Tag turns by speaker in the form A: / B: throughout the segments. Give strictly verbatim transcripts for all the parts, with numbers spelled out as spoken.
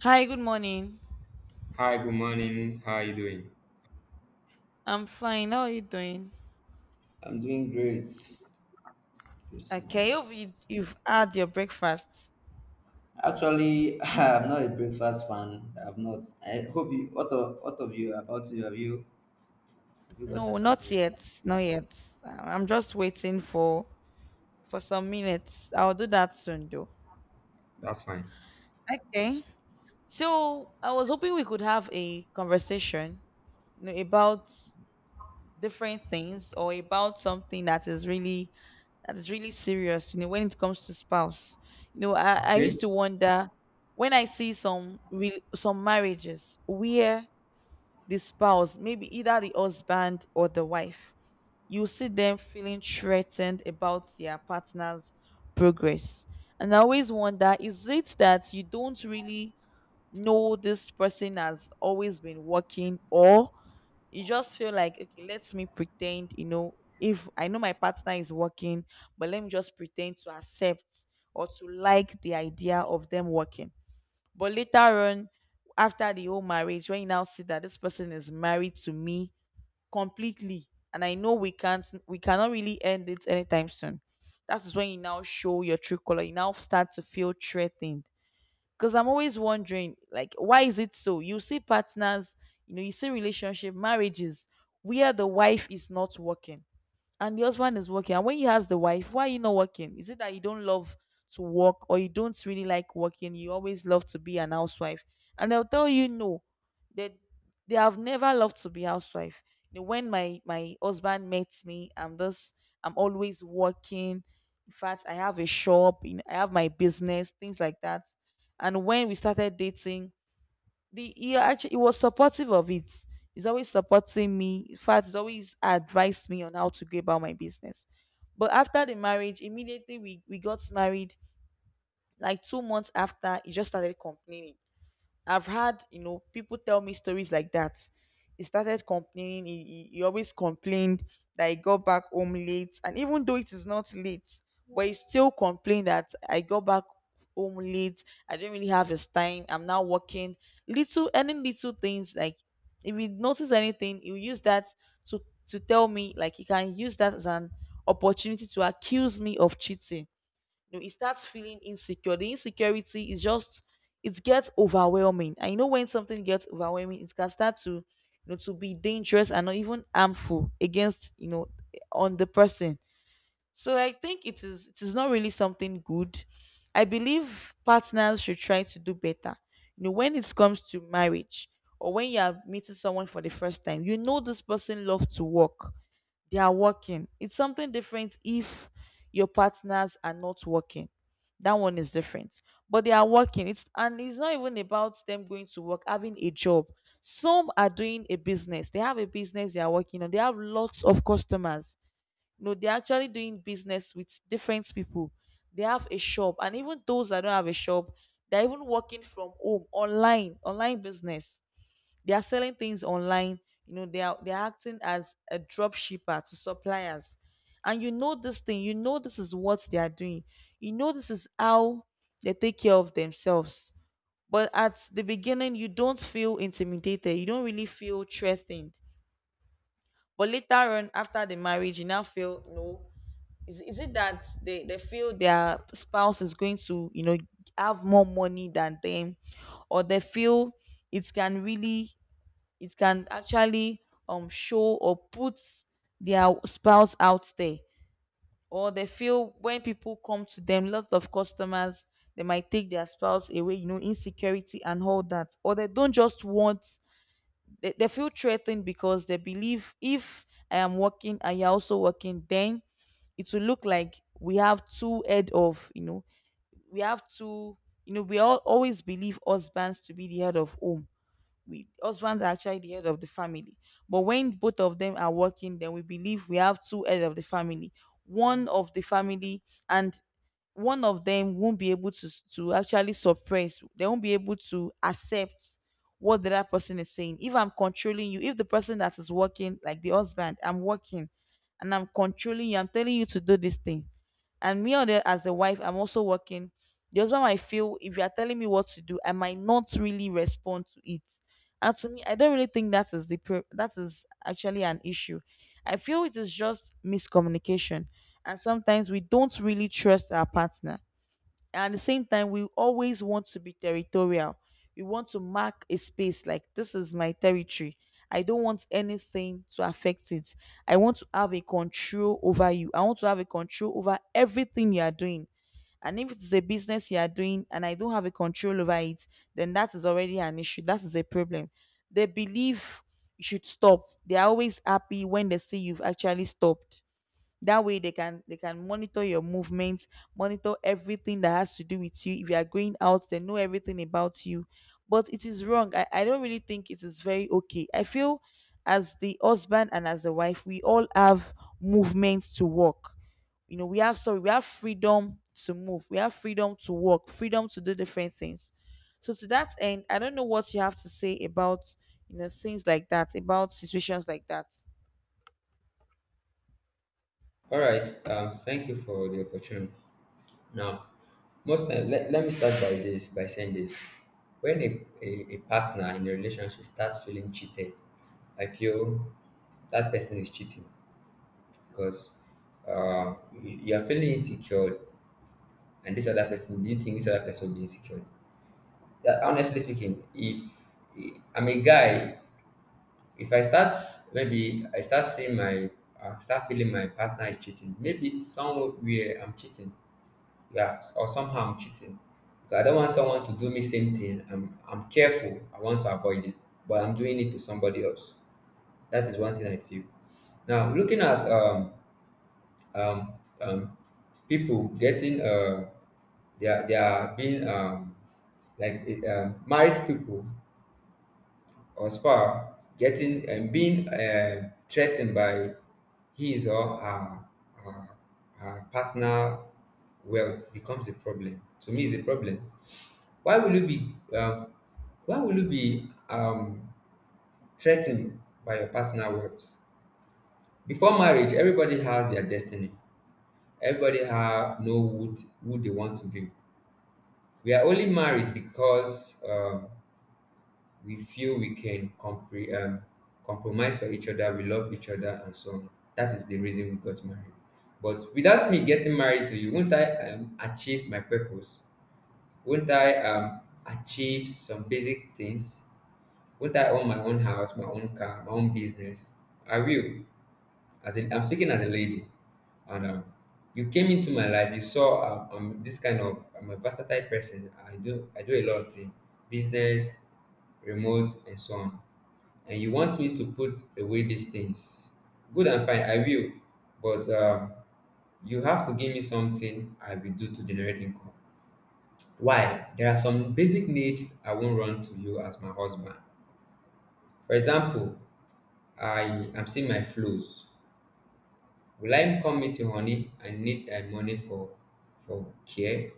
A: Hi, good morning.
B: Hi, good morning. How are you doing?
A: I'm fine. How are you doing?
B: I'm doing great this
A: Okay,
B: morning.
A: you've, you- you've had your breakfast.
B: Actually, I'm not a breakfast fan. I've not. I hope you. What of what of you? About you? Have you have you gotten
A: No,
B: something
A: not
B: this morning?
A: yet. Not yet. Uh, I'm just waiting for for some minutes. I'll do that soon, though.
B: That's fine.
A: Okay. So I was hoping we could have a conversation, you know, about different things or about something that is really that is really serious, you know, when it comes to spouse. You know, I, I
B: Okay.
A: used to wonder when I see some real some marriages where the spouse, maybe either the husband or the wife, you see them feeling threatened about their partner's progress. And I always wonder, is it that you don't really know this person has always been working, or you just feel like, okay, let me pretend, you know, if I know my partner is working, but let me just pretend to accept or to like the idea of them working, but later on, after the whole marriage, when you now see that this person is married to me completely, and I know we can't, we cannot really end it anytime soon. That is when you now show your true color. You now start to feel threatened. Because I'm always wondering, like, why is it so? You see partners, you know, you see relationship, marriages, where the wife is not working and the husband is working. And when he has the wife, why are you not working? Is it that you don't love to work, or you don't really like working? You always love to be an housewife? And they'll tell you no, they they have never loved to be housewife. You know, when my my husband met me, i'm just I'm always working. In fact, I have a shop. you know, I have my business, things like that. And when we started dating, the he actually he was supportive of it. He's always supporting me. In fact, he's always advised me on how to go about my business. But after the marriage, immediately we, we got married, like two months after, he just started complaining. I've had, you know, people tell me stories like that. He started complaining. He, he, he always complained that he got back home late. And even though it is not late, but he still complained that I got back home late. I didn't really have his time. I'm now working. Little, any little things like if he notice anything, he'll use that to, to tell me, like he can use that as an opportunity to accuse me of cheating. You know, it starts feeling insecure. The insecurity is just it gets overwhelming. And you know when something gets overwhelming, it can start to you know to be dangerous and not even harmful, against you know on the person. So I think it is it is not really something good. I believe partners should try to do better. You know, when it comes to marriage, or when you are meeting someone for the first time, you know this person loves to work. They are working. It's something different if your partners are not working. That one is different. But they are working. It's and it's not even about them going to work, having a job. Some are doing a business. They have a business they are working on. They have lots of customers. No, they're actually doing business with different people. They have a shop, and even those that don't have a shop, they're even working from home, online, online business. They are selling things online. You know, they are they are acting as a drop shipper to suppliers, and you know this thing. You know this is what they are doing. You know this is how they take care of themselves. But at the beginning, you don't feel intimidated. You don't really feel threatened. But later on, after the marriage, you now feel no. Is, is it that they, they feel their spouse is going to you know have more money than them, or they feel it can really it can actually um show or put their spouse out there, or they feel when people come to them lots of customers they might take their spouse away, you know insecurity and all that. Or they don't just want they, they feel threatened because they believe if I am working and you're also working, then it will look like we have two head of, you know, we have two, you know, we all always believe husbands to be the head of home. We husbands are actually the head of the family. But when both of them are working, then we believe we have two heads of the family, one of the family, and one of them won't be able to to actually suppress. They won't be able to accept what the other person is saying. If I'm controlling you, if the person that is working, like the husband, I'm working and I'm controlling you, I'm telling you to do this thing, and me, on the, as the wife I'm also working, the husband might feel if you are telling me what to do, I might not really respond to it. And to me, I don't really think that is the pro- that is actually an issue. I feel it is just miscommunication, and sometimes we don't really trust our partner. And at the same time, we always want to be territorial. We want to mark a space like this is my territory. I don't want anything to affect it. I want to have a control over you. I want to have a control over everything you are doing. And if it's a business you are doing and I don't have a control over it, then that is already an issue. That is a problem. They believe you should stop. They are always happy when they see you've actually stopped. That way, they can they can monitor your movements, monitor everything that has to do with you. If you are going out, they know everything about you. But it is wrong. I, I don't really think it is very okay. I feel as the husband and as the wife, we all have movements to work. You know we have, sorry, we have freedom to move. We have freedom to work, freedom to do different things. So, to that end, I don't know what you have to say about you know things like that, about situations like that.
B: All right. Um, thank you for the opportunity. Now, most time, let, let me start by this by saying this. When a, a, a partner in a relationship starts feeling cheated, I feel that person is cheating because uh, you you are feeling insecure, and this other person, do you think this other person will be insecure? Yeah, honestly speaking, if I'm a guy, if I start, maybe I start seeing my, I start feeling my partner is cheating, maybe somewhere I'm cheating, yeah, or somehow I'm cheating. Because I don't want someone to do me same thing, i'm i'm careful, I want to avoid it, but I'm doing it to somebody else. That is one thing I feel. Now looking at um um, um, people getting uh, they are they are being um, like uh, married people or spouse getting and being uh, threatened by his or her, her, her personal wealth becomes a problem. To me, is a problem. Why will you be um, why will you be um, threatened by your personal wealth? Before marriage, everybody has their destiny. Everybody have know who, t- who they want to be. We are only married because um, we feel we can compre- um, compromise for each other. We love each other and so on. That is the reason we got married. But without me getting married to you, won't I um, achieve my purpose? Won't I um, achieve some basic things? Won't I own my own house, my own car, my own business? I will. As in, I'm speaking as a lady, and um, you came into my life, you saw um, um, this kind of, I'm a versatile person, i do i do a lot of things, business, remote, and so on, and you want me to put away these things, good and fine, I will. But um, you have to give me something I will do to generate income. Why? There are some basic needs I won't run to you as my husband. For example, I am seeing my flows. Will I come meet you, honey, I need thy money for for care?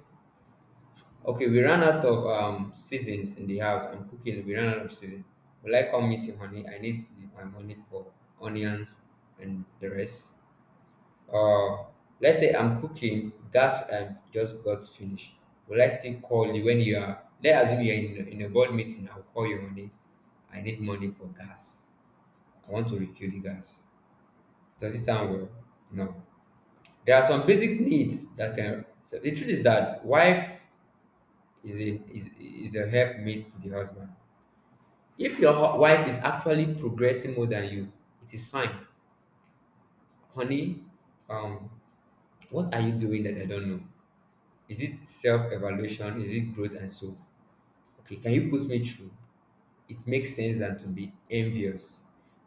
B: Okay, we ran out of um seasons in the house. I'm cooking, we ran out of season. Will I come meet you, honey, I need my money for onions and the rest? Uh let's say I'm cooking, gas um just got finished. Will I still call you when you are, let's assume you're in, in a board meeting, I'll call you honey. I need money for gas. I want to refill the gas. Does it sound well? No. There are some basic needs that can. So the truth is that wife is a is, is a helpmate to the husband. If your hu- wife is actually progressing more than you, it is fine, honey. Um, what are you doing that I don't know? Is it self evaluation? Is it growth and so? Okay, can you put me through? It makes sense than to be envious.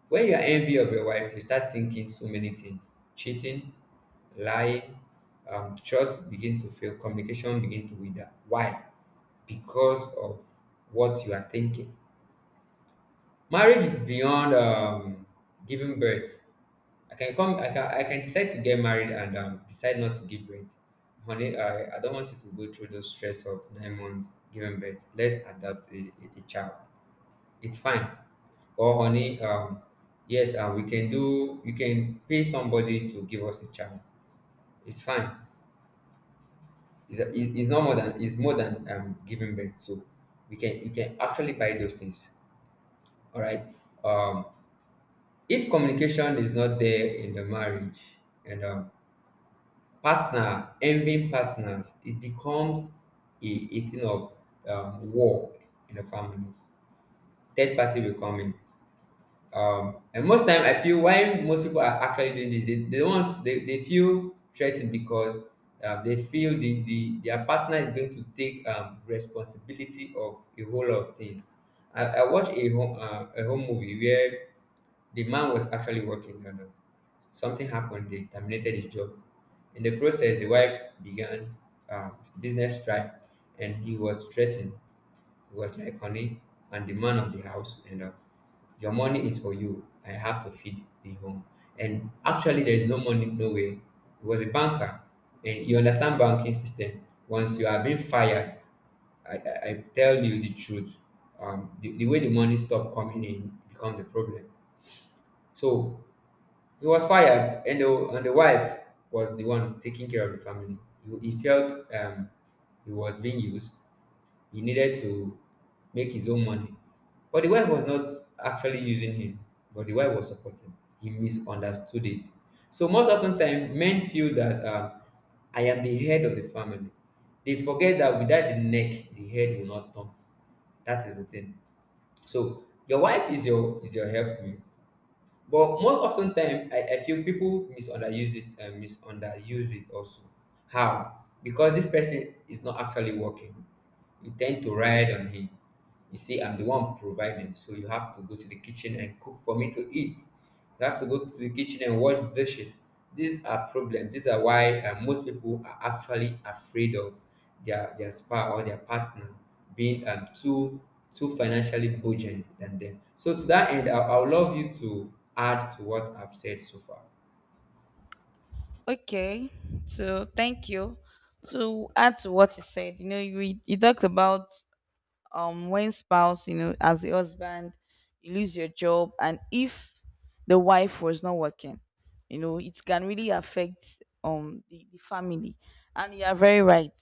B: When you are envy of your wife, you start thinking so many things: cheating, lying, um, trust begin to fail, communication begin to wither. Why? Because of what you are thinking. Marriage is beyond um, giving birth. I can come. I can. I can decide to get married and um, decide not to give birth. Honey, I, I don't want you to go through the stress of nine months giving birth. Let's adopt a, a, a child. It's fine. Or honey, um, yes, uh, we can do, you can pay somebody to give us a child. It's fine. It's, it- it's not more than, it's more than um, giving birth. So we can, you can actually buy those things. All right. Um, if communication is not there in the marriage and um, partner, envying partners, it becomes a, a thing of um, war in the family. Third party will come in. Um, and most time I feel why most people are actually doing this, they, they don't want, they, they feel threatened because um, they feel the, the their partner is going to take um, responsibility of a whole lot of things. I, I watched a home uh, a home movie where the man was actually working and uh, something happened. They terminated his job. In the process, the wife began um, business strike, and he was threatened. He was like, honey, I'm the man of the house, and uh, your money is for you. I have to feed the home. And actually, there is no money, no way. He was a banker, and you understand banking system. Once you are being fired, I, I, I tell you the truth. Um, the, the way the money stop coming in becomes a problem. So he was fired, and the, and the wife was the one taking care of the family. He, he felt um, he was being used, he needed to make his own money. But the wife was not actually using him, but the wife was supporting. He misunderstood it. So most often time, men feel that um, I am the head of the family. They forget that without the neck, the head will not turn. That is the thing. So your wife is your is your helpmate. But most often time, I, I feel people misunderuse this uh, misunderuse it also. How? Because this person is not actually working. You tend to ride on him. You see, I'm the one providing, so you have to go to the kitchen and cook for me to eat. You have to go to the kitchen and wash dishes. These are problems. These are why uh, most people are actually afraid of their their spouse or their partner being um, too too financially burdened than them. So to that end, I, I would love you to add to what I've said so far.
A: Okay, so thank you. To add to what you said, you know, you you talked about um when spouse, you know, as the husband, you lose your job, and if the wife was not working, you know, it can really affect um the, the family. And you are very right.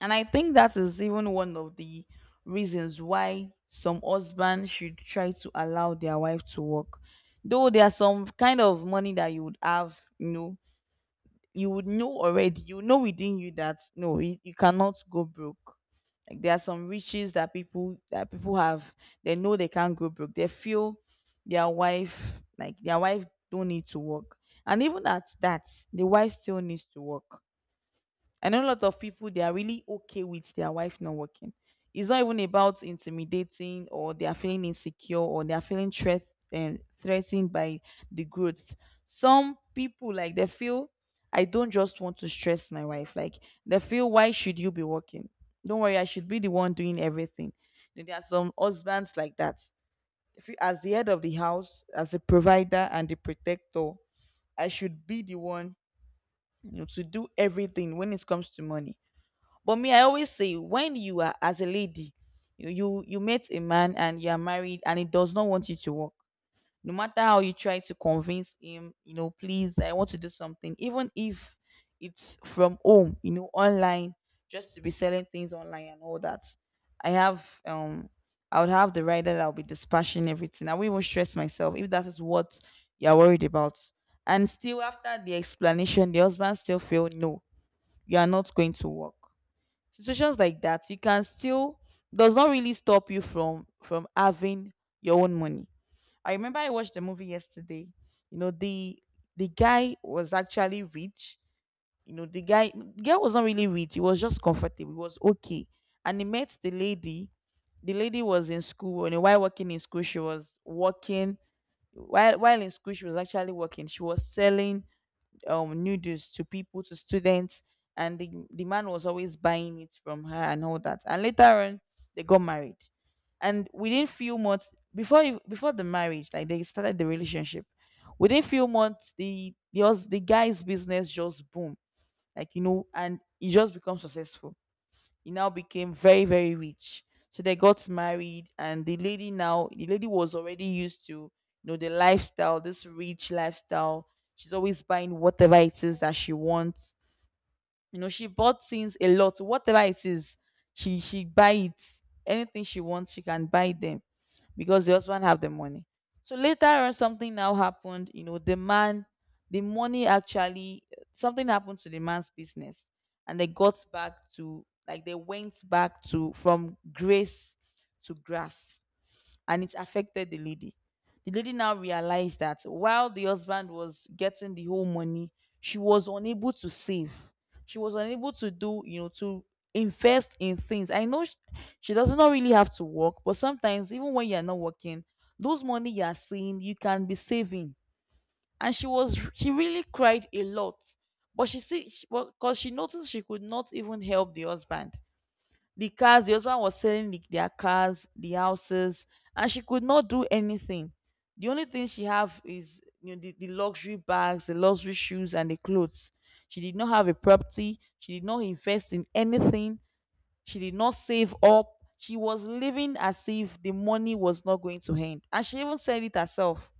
A: And I think that is even one of the reasons why some husbands should try to allow their wife to work. Though there are some kind of money that you would have, you know, you would know already, you know within you, that no, you, you cannot go broke. Like there are some riches that people that people have. They know they can't go broke. They feel their wife, like, their wife don't need to work. And even at that, the wife still needs to work. I know a lot of people, they are really okay with their wife not working. It's not even about intimidating, or they are feeling insecure, or they are feeling threat and threatened by the growth. Some people, like, they feel I don't just want to stress my wife. Like, they feel, why should you be working? Don't worry, I should be the one doing everything. Then there are some husbands like that. If you, as the head of the house, as the provider and the protector, I should be the one, you know, to do everything when it comes to money. But me, I always say, when you are as a lady, you you, you met a man and you are married and he does not want you to work. No matter how you try to convince him, you know, please, I want to do something, even if it's from home, you know, online, just to be selling things online and all that. I have um I would have the right that I'll be dispatching everything. I won't even stress myself if that is what you're worried about. And still after the explanation, the husband still feel, no, you are not going to work. Situations like that, you can still, does not really stop you from from having your own money. I remember I watched the movie yesterday. You know, the the guy was actually rich. You know, the guy, the guy was not really rich, he was just comfortable, he was okay. And he met the lady. The lady was in school, and while working in school, she was working. While while in school, she was actually working. She was selling um noodles to people, to students. And the, the man was always buying it from her and all that. And later on they got married. And within few months, before ev- before the marriage, like, they started the relationship. Within few months, the the, hus- the guy's business just boom, like, you know, and he just becomes successful. He now became very, very rich. So they got married, and the lady now, the lady was already used to, you know, the lifestyle, this rich lifestyle. She's always buying whatever it is that she wants. You know, she bought things a lot. Whatever it is, she she buy it. Anything she wants, she can buy them, because the husband have the money. So later on, something now happened. You know, the man, the money actually, something happened to the man's business, and they got back to, like, they went back to, from grace to grass, and it affected the lady. The lady now realized that while the husband was getting the whole money, she was unable to save. She was unable to do, you know, to invest in things. I know sh- she does not really have to work, but sometimes, even when you're not working, those money you're seeing, you can be saving. And she was, she really cried a lot, but she see, because she noticed she could not even help the husband. The cars, the husband was selling the, their cars, the houses, and she could not do anything. The only thing she have is, you know, the, the luxury bags, the luxury shoes, and the clothes. She did not have a property. She did not invest in anything. She did not save up. She was living as if the money was not going to end, and she even said it herself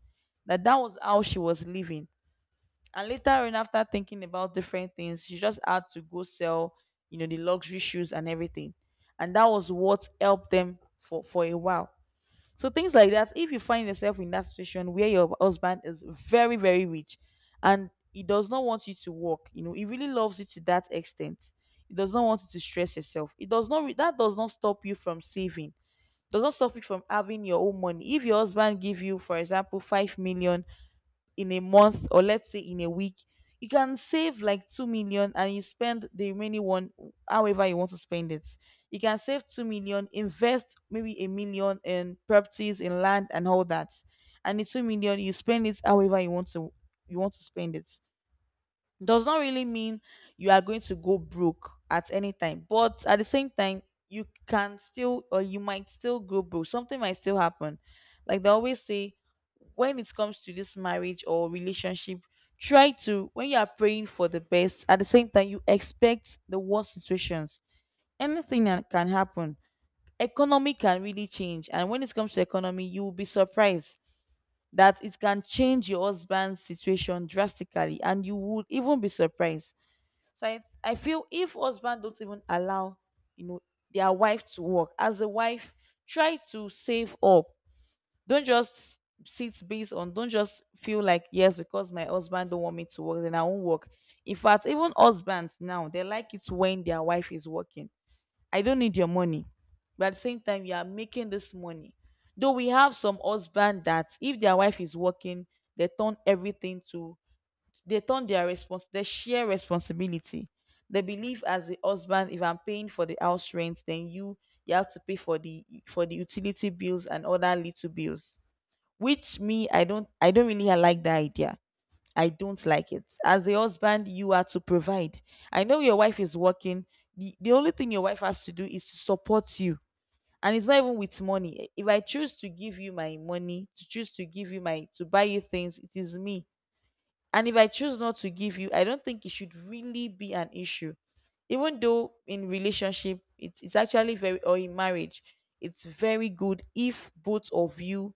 A: that that was how she was living. And later on, after thinking about different things, she just had to go sell, you know, the luxury shoes and everything. And that was what helped them for, for a while. So things like that, if you find yourself in that situation where your husband is very, very rich and he does not want you to work, you know, he really loves you to that extent. He does not want you to stress yourself. It does not re- that does not stop you from saving. Does not stop you from having your own money. If your husband give you, for example, five million in a month, or let's say in a week, you can save like two million and you spend the remaining one however you want to spend it. You can save two million, invest maybe a million in properties, in land and all that, and the two million you spend it however you want to, you want to spend it Does not really mean you are going to go broke at any time, but at the same time, you can still, or you might still go broke. Something might still happen. Like they always say, when it comes to this marriage or relationship, try to, when you are praying for the best, at the same time you expect the worst situations. Anything that can happen. Economy can really change, and when it comes to economy, you will be surprised that it can change your husband's situation drastically, and you would even be surprised. So I, I feel if husband don't even allow, you know, their wife to work, as a wife, try to save up. Don't just sit based on, don't just feel like, yes, because my husband don't want me to work, then I won't work. In fact, even husbands now, they like it when their wife is working. I don't need your money, but at the same time, you are making this money. Though we have some husband that if their wife is working, they turn everything to, they turn their response, they share responsibility, they believe, as the husband, if I'm paying for the house rent, then you you have to pay for the for the utility bills and other little bills. Which me, i don't I don't really like the idea. I don't like it. As a husband, you are to provide. I know your wife is working. The, the only thing your wife has to do is to support you. And it's not even with money. If I choose to give you my money, to choose to give you my, to buy you things, it is me. And if I choose not to give you, I don't think it should really be an issue. Even though in relationship, it's, it's actually very, or in marriage, it's very good if both of you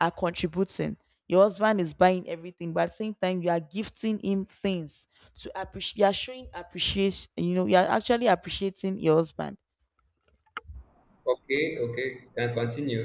A: are contributing. Your husband is buying everything, but at the same time, you are gifting him things to appreciate. You are showing appreciation. You know, you are actually appreciating your husband.
B: Okay, okay, you can continue.